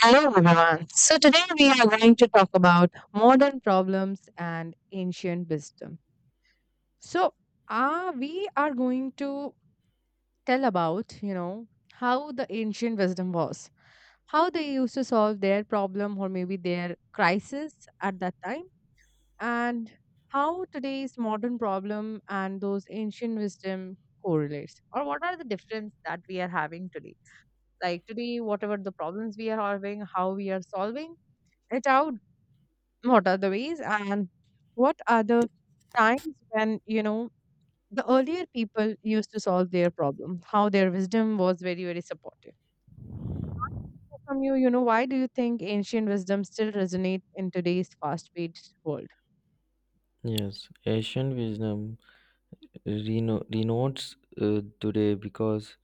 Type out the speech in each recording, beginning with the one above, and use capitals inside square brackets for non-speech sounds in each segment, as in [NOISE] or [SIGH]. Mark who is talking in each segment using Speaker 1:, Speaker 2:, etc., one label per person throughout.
Speaker 1: Hello everyone. So today we are going to talk about modern problems and ancient wisdom. So we are going to tell about, you know, how the ancient wisdom was, how they used to solve their problem or maybe their crisis at that time, and how today's modern problem and those ancient wisdom correlates, or what are the difference that we are having today. Like today, whatever the problems we are having, how we are solving it out. What are the ways, and what are the times when, you know, the earlier people used to solve their problem, how their wisdom was very, very supportive. From you, why do you think ancient wisdom still resonates in today's fast-paced world?
Speaker 2: Yes, Asian wisdom renotes today because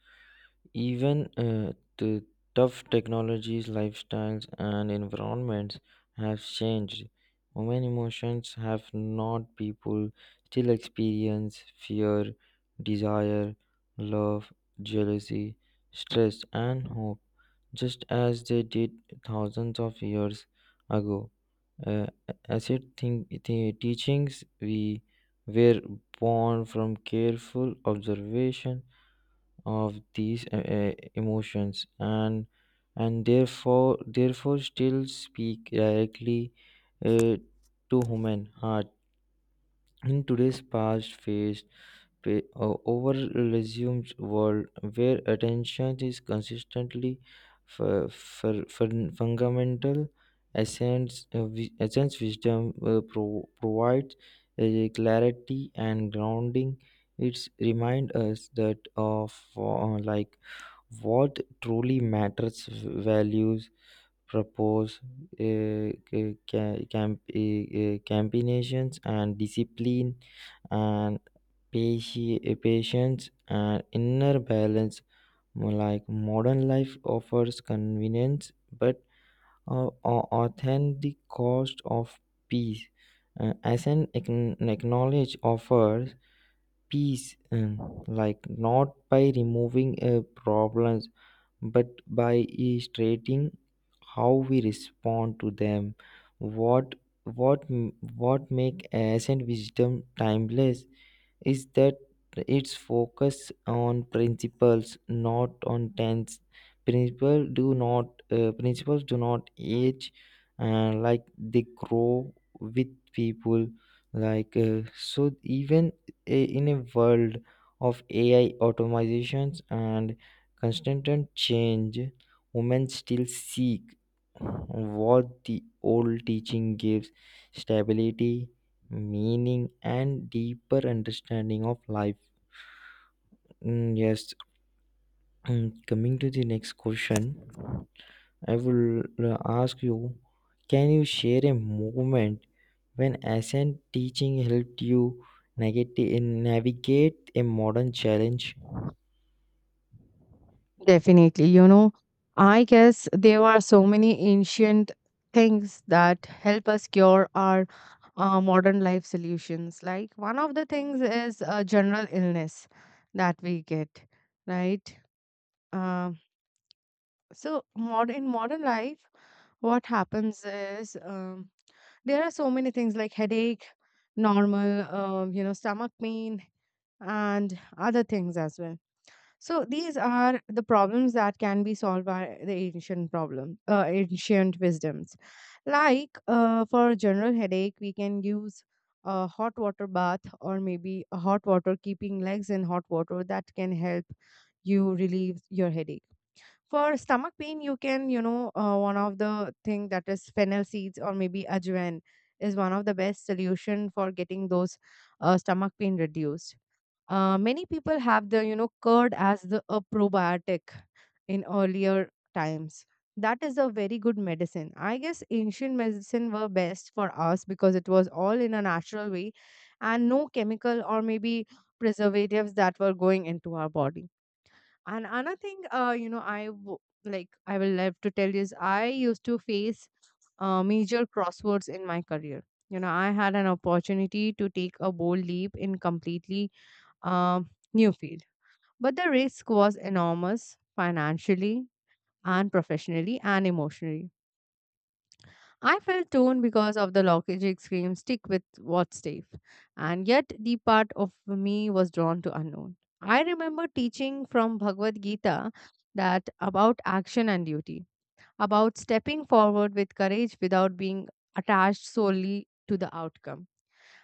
Speaker 2: even the tough technologies, lifestyles, and environments have changed. Women emotions have not. People still experience fear, desire, love, jealousy, stress, and hope, just as they did thousands of years ago. Uh, acid think, the teachings we were born from careful observation of these emotions and and therefore still speak directly uh, to human heart in today's fast-paced, over resumed world where attention is consistently fundamental essence essence wisdom provides clarity and grounding. It's remind us that of like what truly matters values propose, combinations and discipline and patience and inner balance. Like modern life offers convenience but authentic cost of peace. As an acknowledge offers peace, like not by removing problems but by illustrating how we respond to them. What what m- what make ancient wisdom timeless is that its focus on principles not on tense. Principles do not age, like they grow with people. So even in a world of AI automations and constant and change, women still seek what the old teaching gives: stability, meaning and deeper understanding of life. Mm, yes. Mm, coming to the next question, I will ask you, can you share a moment when ascent teaching helped you navigate a modern challenge?
Speaker 1: Definitely. You know, I guess there are so many ancient things that help us cure our modern life solutions. Like one of the things is a general illness that we get, right? Um, so mod in modern life what happens is, there are so many things like headache normal, you know, stomach pain and other things as well. So these are the problems that can be solved by the ancient problem, ancient wisdoms. Like for general headache, we can use a hot water bath, or maybe a hot water keeping legs in hot water, that can help you relieve your headache. For stomach pain, you can, you know, one of the thing that is fennel seeds or maybe ajwain is one of the best solution for getting those stomach pain reduced. Many people have the, you know, curd as the a probiotic in earlier times. That is a very good medicine. I guess ancient medicine were best for us because it was all in a natural way, and no chemical or maybe preservatives that were going into our body. And another thing, you know, like I will love to tell you is I used to face major crosswords in my career. You know, I had an opportunity to take a bold leap in completely um new field, but the risk was enormous financially and professionally and emotionally. I felt torn because of the logic scream stick with what's safe, and yet the part of me was drawn to unknown. I remember teaching from Bhagavad Gita, that about action and duty, about stepping forward with courage without being attached solely to the outcome.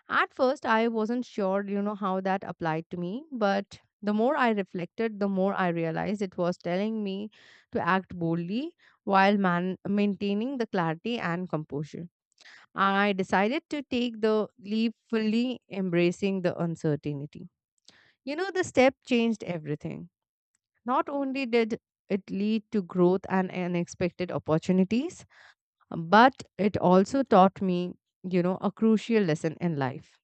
Speaker 1: At first, I wasn't sure, you know, how that applied to me, but the more I reflected, the more I realized it was telling me to act boldly while maintaining the clarity and composure. I decided to take the leap, fully embracing the uncertainty. You know, the step changed everything. Not only did it lead to growth and unexpected opportunities, but it also taught me, you know, a crucial lesson in life.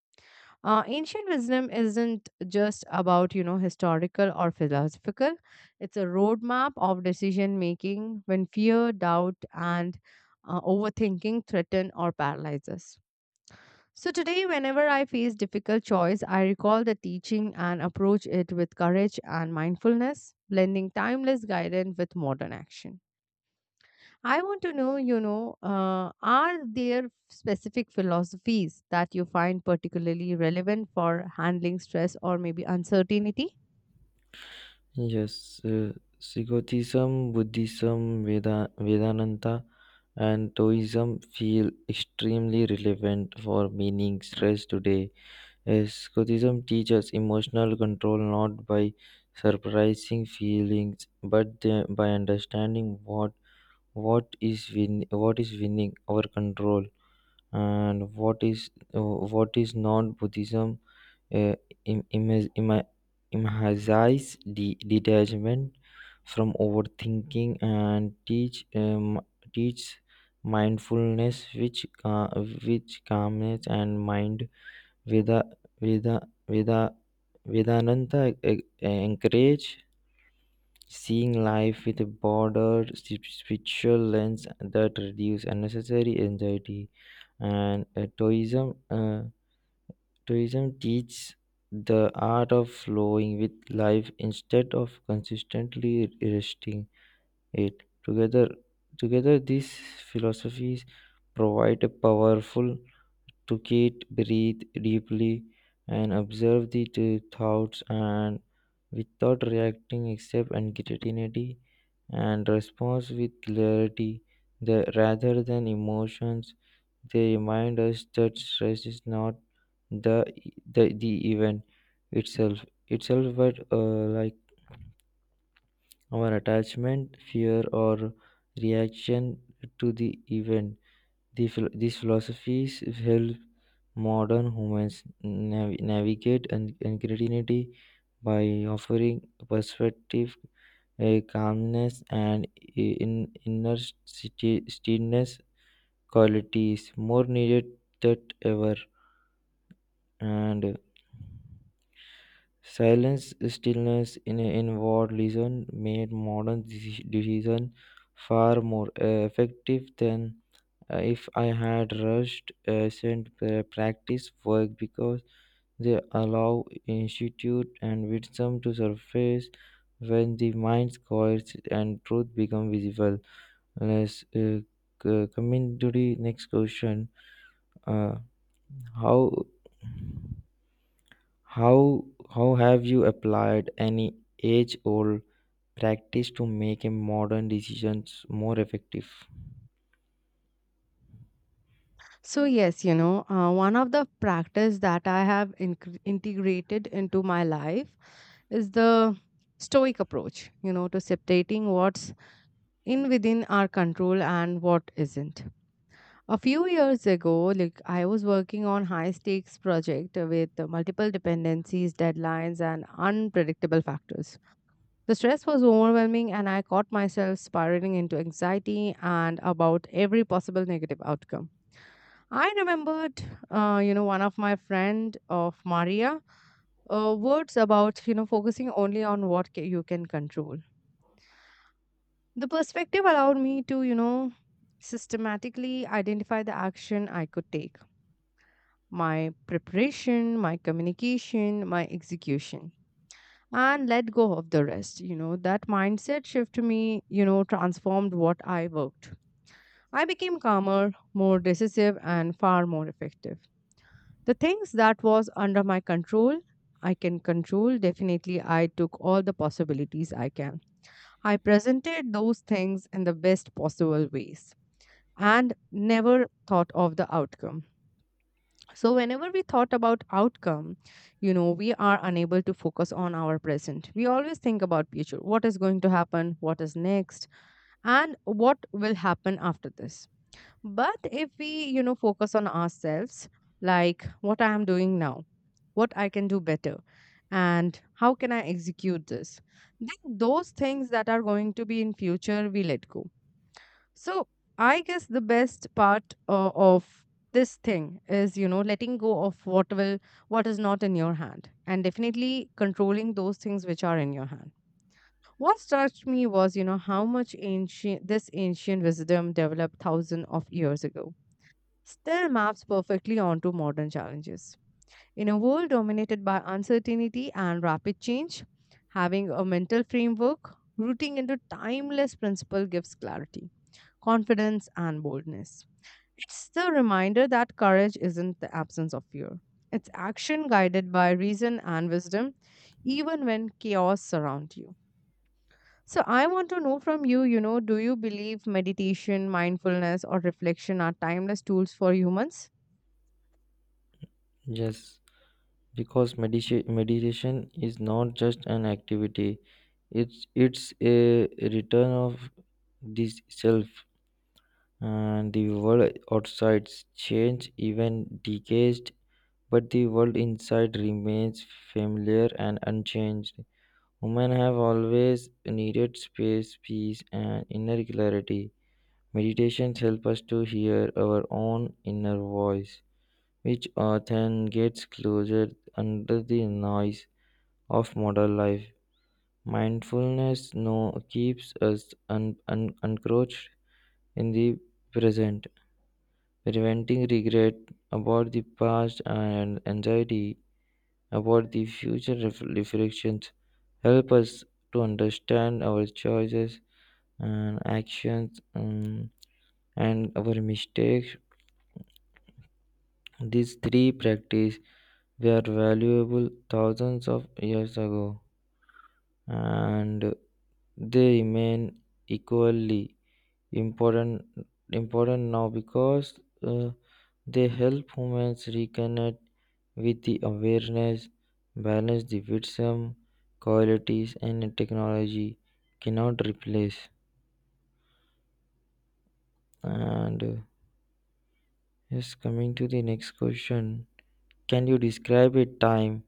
Speaker 1: Ancient wisdom isn't just about, you know, historical or philosophical. It's a roadmap of decision making when fear, doubt, and overthinking threaten or paralyze us. So today, whenever I face difficult choice, I recall the teaching and approach it with courage and mindfulness, blending timeless guidance with modern action. I want to know, you know, are there specific philosophies that you find particularly relevant for handling stress or maybe uncertainty?
Speaker 2: Yes, Sikhotism, Buddhism, Veda, Vedananta, and Taoism feel extremely relevant for meaning stress today. Escapism teaches emotional control not by surprising feelings but by understanding what what is winning our control and what is, what is not. Buddhism uh, im, im, im, emphasize detachment from overthinking and teach teach mindfulness which, which calmness and mind. Veda Veda Veda Vedananta encourage seeing life with a broader spiritual lens that reduce unnecessary anxiety. And Taoism. Taoism teaches the art of flowing with life instead of consistently resisting it. Together these philosophies provide a powerful to Kate, breathe deeply and observe the thoughts and without reacting except anxiety and response with clarity, rather than emotions. They remind us that stress is not the the event itself itself but like our attachment, fear or reaction to the event. These philosophies help modern humans navigate uncertainty by offering perspective, a calmness, and inner stillness, qualities more needed than ever. And silence, stillness, in inward listen made modern decision far more effective than if I had rushed sent practice work because they allow institute and wisdom to surface when the mind quiets and truth become visible. Let's, coming to the next question. Uh, how how have you applied any age old practice to make a modern decisions more effective?
Speaker 1: So yes, you know, one of the practice that I have incre integrated into my life is the stoic approach, you know, to separating what's in within our control and what isn't. A few years ago, like I was working on high stakes project with multiple dependencies, deadlines, and unpredictable factors. The stress was overwhelming, and I caught myself spiraling into anxiety and about every possible negative outcome. I remembered, you know, one of my friend of Maria words about, you know, focusing only on what you can control. The perspective allowed me to, you know, systematically identify the action I could take, my preparation, my communication, my execution, and let go of the rest. You know, that mindset shift to me, you know, transformed what I worked. I became calmer, more decisive, and far more effective. The things that was under my control, I can control. Definitely, I took all the possibilities I can. I presented those things in the best possible ways and never thought of the outcome. So, whenever we thought about outcome, you know, we are unable to focus on our present. We always think about future, what is going to happen, what is next, and what will happen after this. But if we, you know, focus on ourselves, like what I am doing now, what I can do better, and how can I execute this, then those things that are going to be in future, we let go. So I guess the best part of this thing is, you know, letting go of what will, what is not in your hand, and definitely controlling those things which are in your hand. What touched me was, you know, how much ancient this ancient wisdom developed thousands of years ago still maps perfectly onto modern challenges. In a world dominated by uncertainty and rapid change, having a mental framework rooting into timeless principle gives clarity, confidence, and boldness. It's the reminder that courage isn't the absence of fear. It's action guided by reason and wisdom, even when chaos surrounds you. So, I want to know from you, you know, do you believe meditation, mindfulness, or reflection are timeless tools for humans?
Speaker 2: Yes. Because meditation is not just an activity, it's a return of this self, and the world outside change even decays, but the world inside remains familiar and unchanged. Women have always needed space, peace and inner clarity. Meditations help us to hear our own inner voice, which often gets closer under the noise of modern life. Mindfulness, no, keeps us encroached in the present, preventing regret about the past and anxiety about the future. Reflections help us to understand our choices and actions, and our mistakes. These three practices were valuable thousands of years ago, and they remain equally important important now because uh, they help humans reconnect with the awareness, balance the wisdom, qualities, and technology cannot replace. And yes, coming to the next question, can you describe a time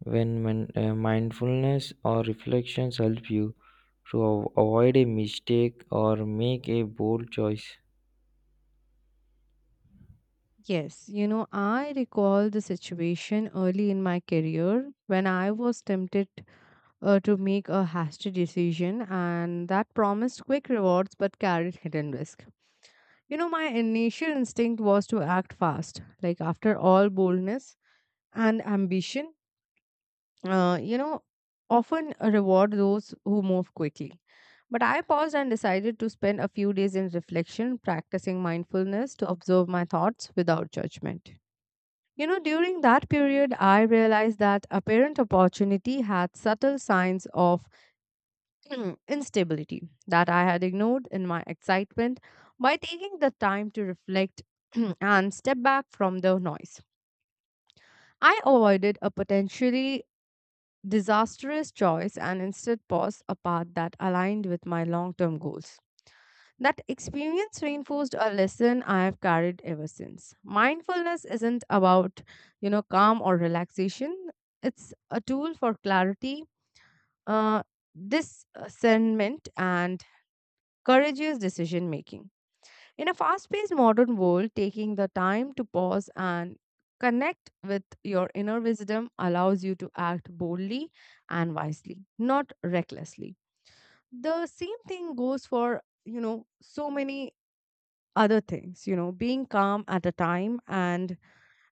Speaker 2: when mindfulness or reflections help you to avoid a mistake or make a bold choice?
Speaker 1: Yes, you know, I recall the situation early in my career when I was tempted to make a hasty decision and that promised quick rewards but carried hidden risk. You know, my initial instinct was to act fast, like after all boldness and ambition, you know, often reward those who move quickly. But I paused and decided to spend a few days in reflection, practicing mindfulness to observe my thoughts without judgment. You know, during that period, I realized that apparent opportunity had subtle signs of instability that I had ignored in my excitement. By taking the time to reflect [CLEARS THROAT] and step back from the noise, I avoided a potentially disastrous choice and instead paused a path that aligned with my long term goals. That experience reinforced a lesson I have carried ever since. Mindfulness isn't about, you know, calm or relaxation. It's a tool for clarity, uh, discernment, and courageous decision making. In a fast paced modern world, taking the time to pause and connect with your inner wisdom allows you to act boldly and wisely, not recklessly. The same thing goes for, you know, so many other things, you know, being calm at a time and,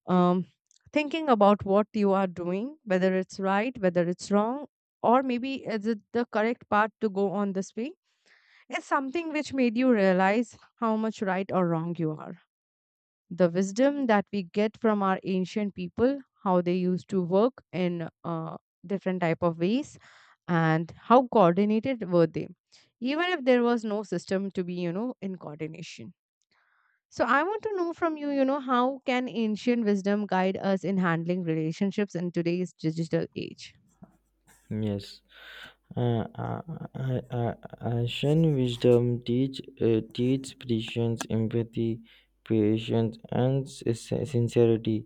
Speaker 1: um, thinking about what you are doing, whether it's right, whether it's wrong, or maybe is it the correct path to go on this way. It's something which made you realize how much right or wrong you are. The wisdom that we get from our ancient people, how they used to work in different type of ways, and how coordinated were they, even if there was no system to be, you know, in coordination. So I want to know from you, you know, how can ancient wisdom guide us in handling relationships in today's digital age?
Speaker 2: Yes. Uh, uh, uh, uh, Asian wisdom teach patience, empathy, patience, and sincerity,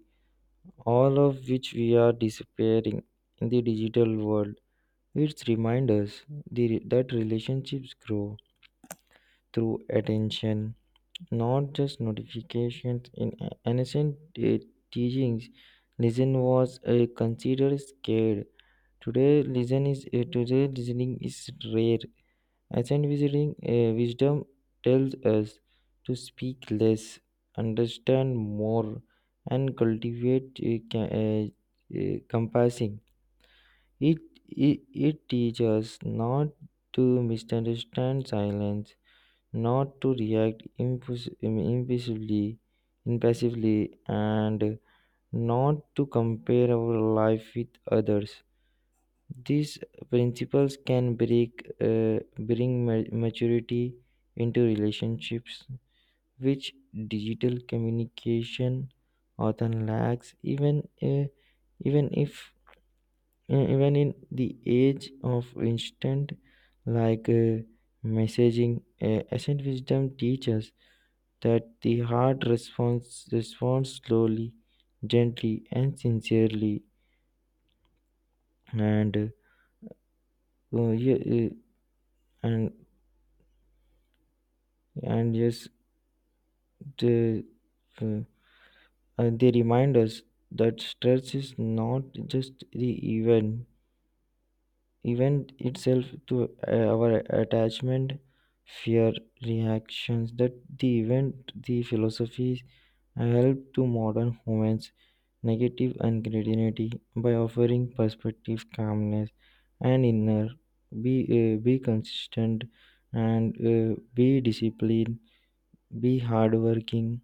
Speaker 2: all of which we are disappearing in the digital world. It reminds us that relationships grow through attention, not just notifications. In ancient uh, teachings, listen was considered scared. Today listening is rare. Ancient wisdom, wisdom tells us to speak less, understand more, and cultivate compassion. It, it teaches us not to misunderstand silence, not to react impulsively, impassively, and not to compare our life with others. These principles can bring maturity into relationships, which digital communication often lacks, even, even if even in the age of instant, like uh, messaging. Ancient wisdom teaches that the heart responds slowly, gently and sincerely. And uh, yeah, uh, and and yes. They, uh, they remind us that stress is not just the event, event itself to our attachment, fear, reactions, that the event, the philosophies help to modern humans negative and creativity by offering perspective, calmness, and inner. Be, be consistent and be disciplined, be hardworking,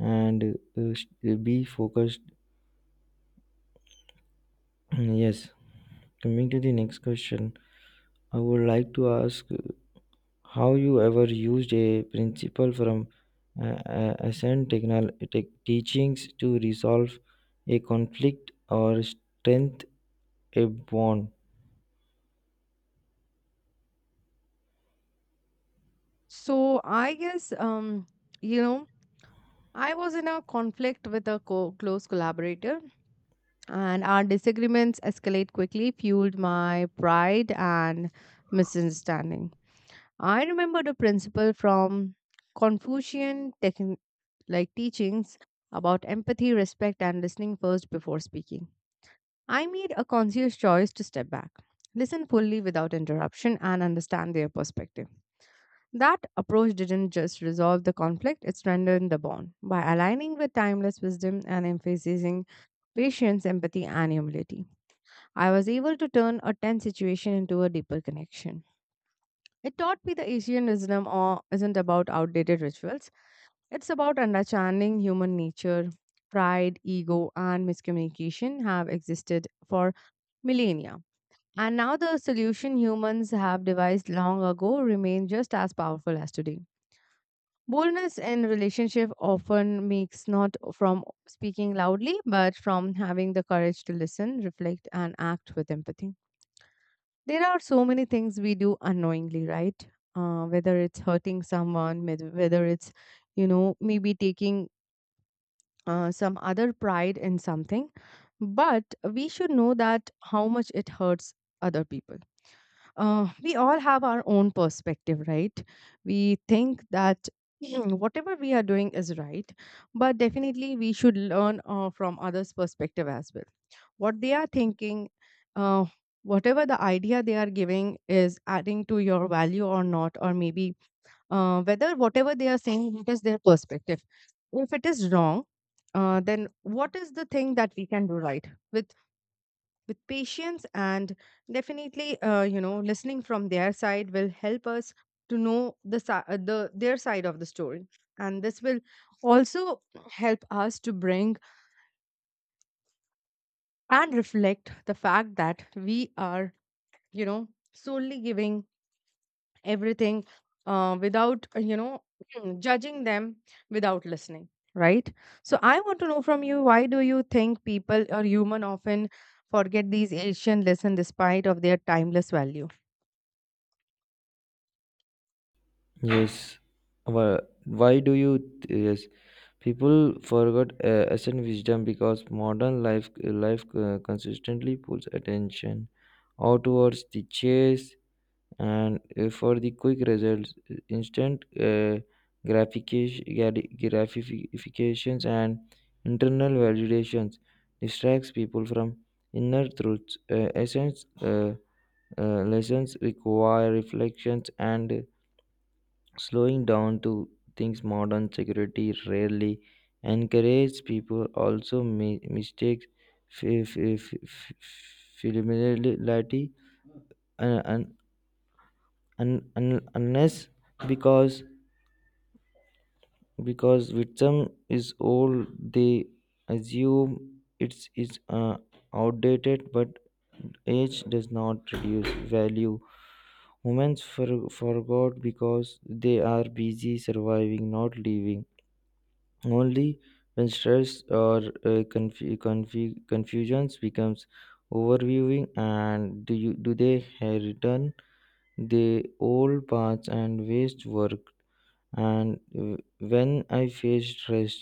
Speaker 2: and be focused. Yes, coming to the next question, I would like to ask, how you ever used a principle from Ascend tech teachings to resolve a conflict or strength a bond.
Speaker 1: So I guess, you know, I was in a conflict with a close collaborator, and our disagreements escalate quickly, fueled my pride and misunderstanding. I remembered a principle from Confucian like teachings, about empathy, respect, and listening first before speaking. I made a conscious choice to step back, listen fully without interruption, and understand their perspective. That approach didn't just resolve the conflict, it strengthened the bond. By aligning with timeless wisdom and emphasizing patience, empathy, and humility, I was able to turn a tense situation into a deeper connection. It taught me the Asian wisdom or isn't about outdated rituals. It's about understanding human nature. Pride, ego, and miscommunication have existed for millennia. And now the solution humans have devised long ago remain just as powerful as today. Boldness in relationship often makes not from speaking loudly, but from having the courage to listen, reflect, and act with empathy. There are so many things we do unknowingly, right? Whether it's hurting someone, whether it's, you know, maybe taking some other pride in something. But we should know that how much it hurts other people. Uh, we all have our own perspective, right? We think that [CLEARS THROAT] whatever we are doing is right, but definitely we should learn from others' perspective as well. What they are thinking, uh, whatever the idea they are giving is adding to your value or not, or maybe whether whatever they are saying, what is their perspective? If it is wrong, then what is the thing that we can do right with with patience and definitely you know listening from their side will help us to know the the their side of the story, and this will also help us to bring and reflect the fact that we are, you know, solely giving everything, without [CLEARS THROAT] judging them without listening, right? So I want to know from you, why do you think people or human often forget these ancient lessons despite of their timeless value?
Speaker 2: Yes, Wha- why do you? Yes, people forgot Ascend wisdom because modern life consistently pulls attention outwards the chase and for the quick results, instant gratifications and internal validations distracts people from inner truths. Essence lessons require reflections and slowing down to things modern security rarely encourages. People also mistakes f- f- f- f- familiarity and unless because, because victim is old, they assume it's is outdated, but age does not reduce value. Humans forgot because they are busy surviving not living. Only when stress or confusions becomes overviewing and do you do they return the old paths and waste work. And when I face stress,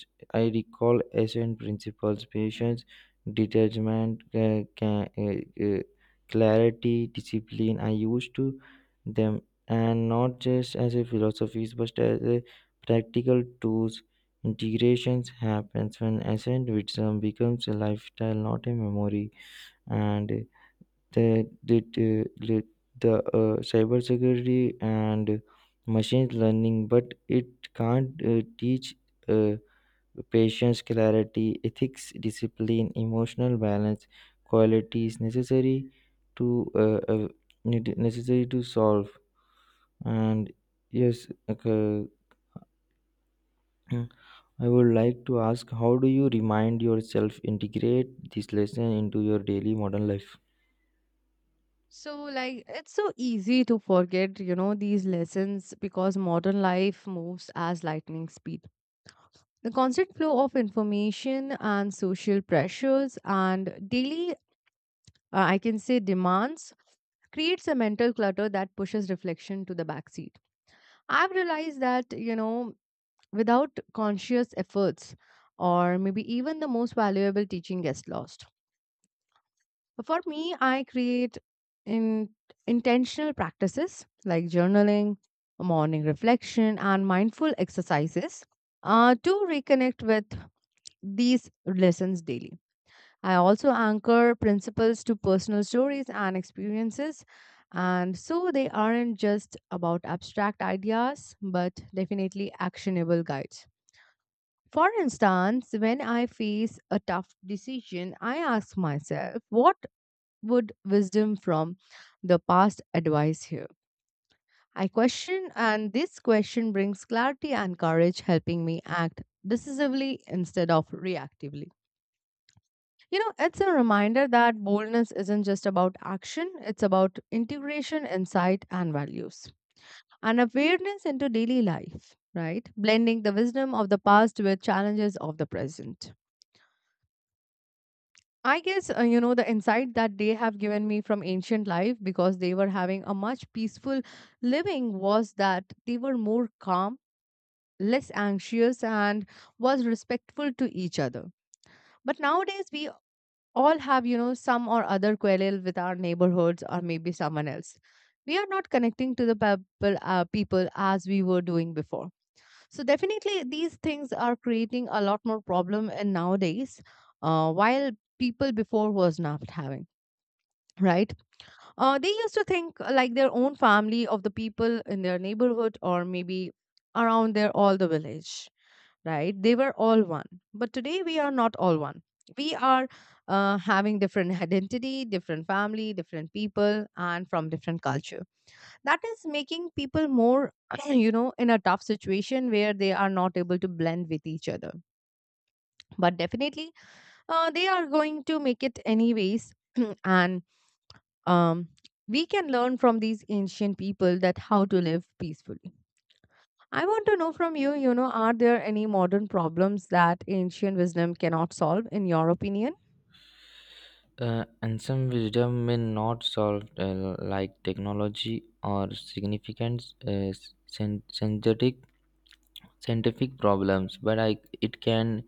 Speaker 2: I recall essential principles, patience, detachment, clarity, discipline. I used to them and not just as a philosophies, but as a practical tools. Integrations happens when essential wisdom becomes a lifestyle, not a memory. And the the the, the cybersecurity and machine learning, but it can't teach uh, patience, clarity, ethics, discipline, emotional balance, qualities necessary to necessary to solve. And yes, okay. [CLEARS THROAT] Mm, I would like to ask, how do you remind yourself integrate this lesson into your daily modern life?
Speaker 1: So, like, it's so easy to forget, you know, these lessons because modern life moves as lightning speed. The constant flow of information and social pressures and daily, I can say, demands creates a mental clutter that pushes reflection to the backseat. I've realized that, you know, without conscious efforts, or maybe even the most valuable teaching gets lost. For me, I create in intentional practices like journaling, morning reflection, and mindful exercises to reconnect with these lessons daily. I also anchor principles to personal stories and experiences. And so they aren't just about abstract ideas, but definitely actionable guides. For instance, when I face a tough decision, I ask myself, what would wisdom from the past advice here? I question, and this question brings clarity and courage, helping me act decisively instead of reactively. You know, it's a reminder that boldness isn't just about action, it's about integration, insight, and values, and awareness into daily life, right? Blending the wisdom of the past with challenges of the present. I guess, you know, the insight that they have given me from ancient life because they were having a much peaceful living was that they were more calm, less anxious, and was respectful to each other. But nowadays, we all have, you know, some or other quarrel with our neighborhoods or maybe someone else. We are not connecting to the people, people as we were doing before. So definitely, these things are creating a lot more problem in nowadays, while people before was not having, right? They used to think like their own family of the people in their neighborhood or maybe around their all the village, right? They were all one. But today we are not all one. We are having different [LAUGHS] identity, different family, different people, and from different culture. That is making people more, [CLEARS THROAT] you know, in a tough situation where they are not able to blend with each other. But definitely, they are going to make it anyways. [CLEARS THROAT] and um, we can learn from these ancient people that how to live peacefully. I want to know from you, you know, are there any modern problems that ancient wisdom cannot solve in your opinion?
Speaker 2: And some wisdom may not solve, like technology or significant synthetic scientific problems, but I, it can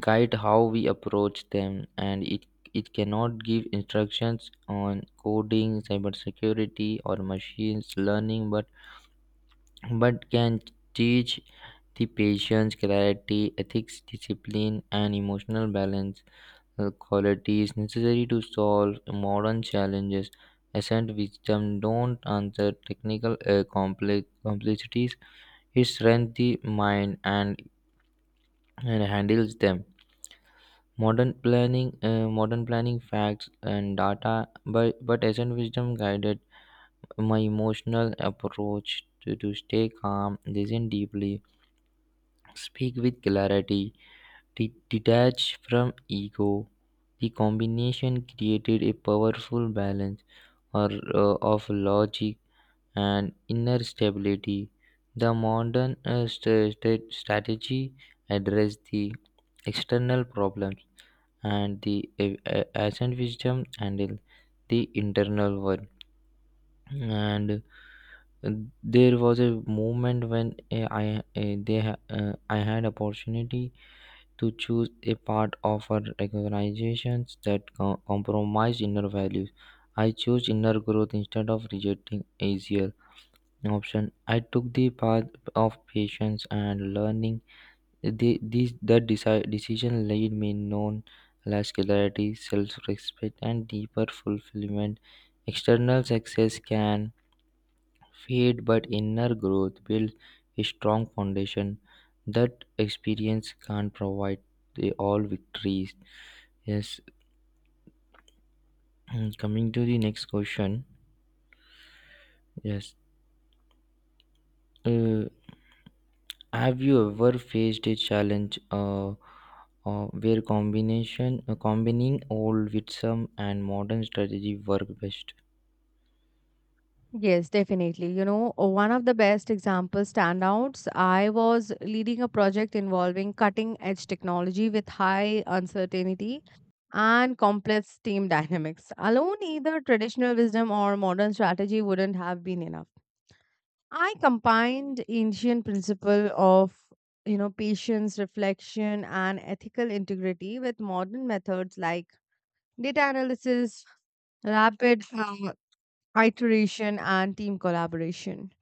Speaker 2: guide how we approach them, and it cannot give instructions on coding, cybersecurity, or machines learning, but can teach the patience, clarity, ethics, discipline, and emotional balance, quality is necessary to solve modern challenges. Ascent wisdom don't answer technical complexities. It strengthens the mind and handles them. Modern planning facts and data, but ascent wisdom guided my emotional approach to stay calm, listen deeply, speak with clarity, detach from ego. The combination created a powerful balance or of logic and inner stability. The modern strategy address the external problems and the ancient wisdom handle the internal one. And uh, there was a moment when I had opportunity to choose a part of our organizations that compromise inner values. I chose inner growth instead of rejecting easier option. I took the path of patience and learning. The, this, the deci- decision led me known less clarity, self-respect, and deeper fulfillment. External success can fade, but inner growth builds a strong foundation that experience can't provide the all victories. Yes, [CLEARS THROAT] coming to the next question. Yes, uh, have you ever faced a challenge where combination combining old with some and modern strategy work best?
Speaker 1: Yes, definitely. You know, one of the best example standouts, I was leading a project involving cutting edge technology with high uncertainty and complex team [LAUGHS] dynamics. Alone, either traditional wisdom or modern strategy wouldn't have been enough. I combined ancient principle of, you know, patience reflection and ethical integrity with modern methods like data analysis, rapid iteration and team collaboration.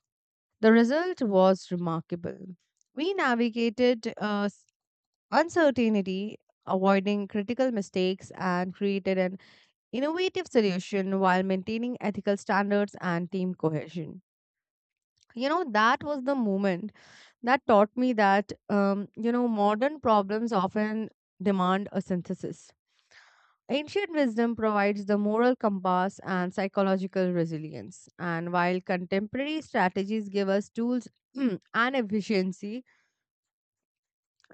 Speaker 1: The result was remarkable. We navigated uncertainty, avoiding critical mistakes, and created an innovative solution while maintaining ethical standards and team cohesion. You know, that was the moment that taught me that, you know, modern problems often demand a synthesis. Ancient wisdom provides the moral compass and psychological resilience. And while contemporary strategies give us tools [CLEARS THROAT] and efficiency,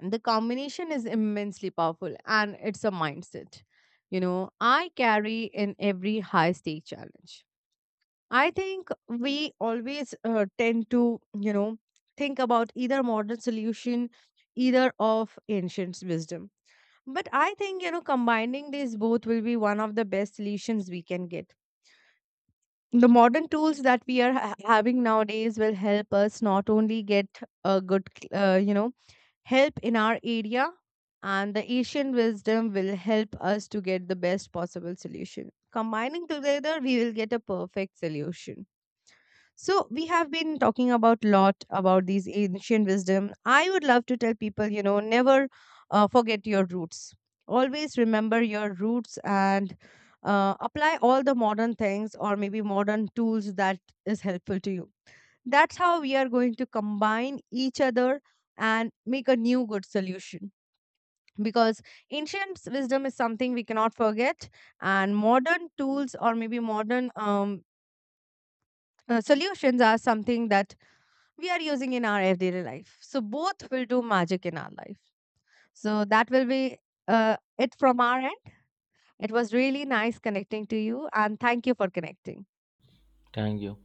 Speaker 1: the combination is immensely powerful, and it's a mindset, you know, I carry in every high stake challenge. I think we always tend to, you know, think about either modern solution, either of ancient wisdom, but I think, you know, combining these both will be one of the best solutions we can get. The modern tools that we are having nowadays will help us not only get a good, uh, you know help in our area, and the asian wisdom will help us to get the best possible solution. Combining together, we will get a perfect solution. So we have been talking about lot about these ancient wisdom. I would love to tell people, you know, never forget your roots, always remember your roots, and apply all the modern things or maybe modern tools that is helpful to you. That's how we are going to combine each other and make a new good solution. Because ancient wisdom is something we cannot forget, and modern tools or maybe modern solutions are something that we are using in our everyday life. So both will do magic in our life. So that will be it from our end. It was really nice connecting to you, and thank you for connecting.
Speaker 2: Thank you.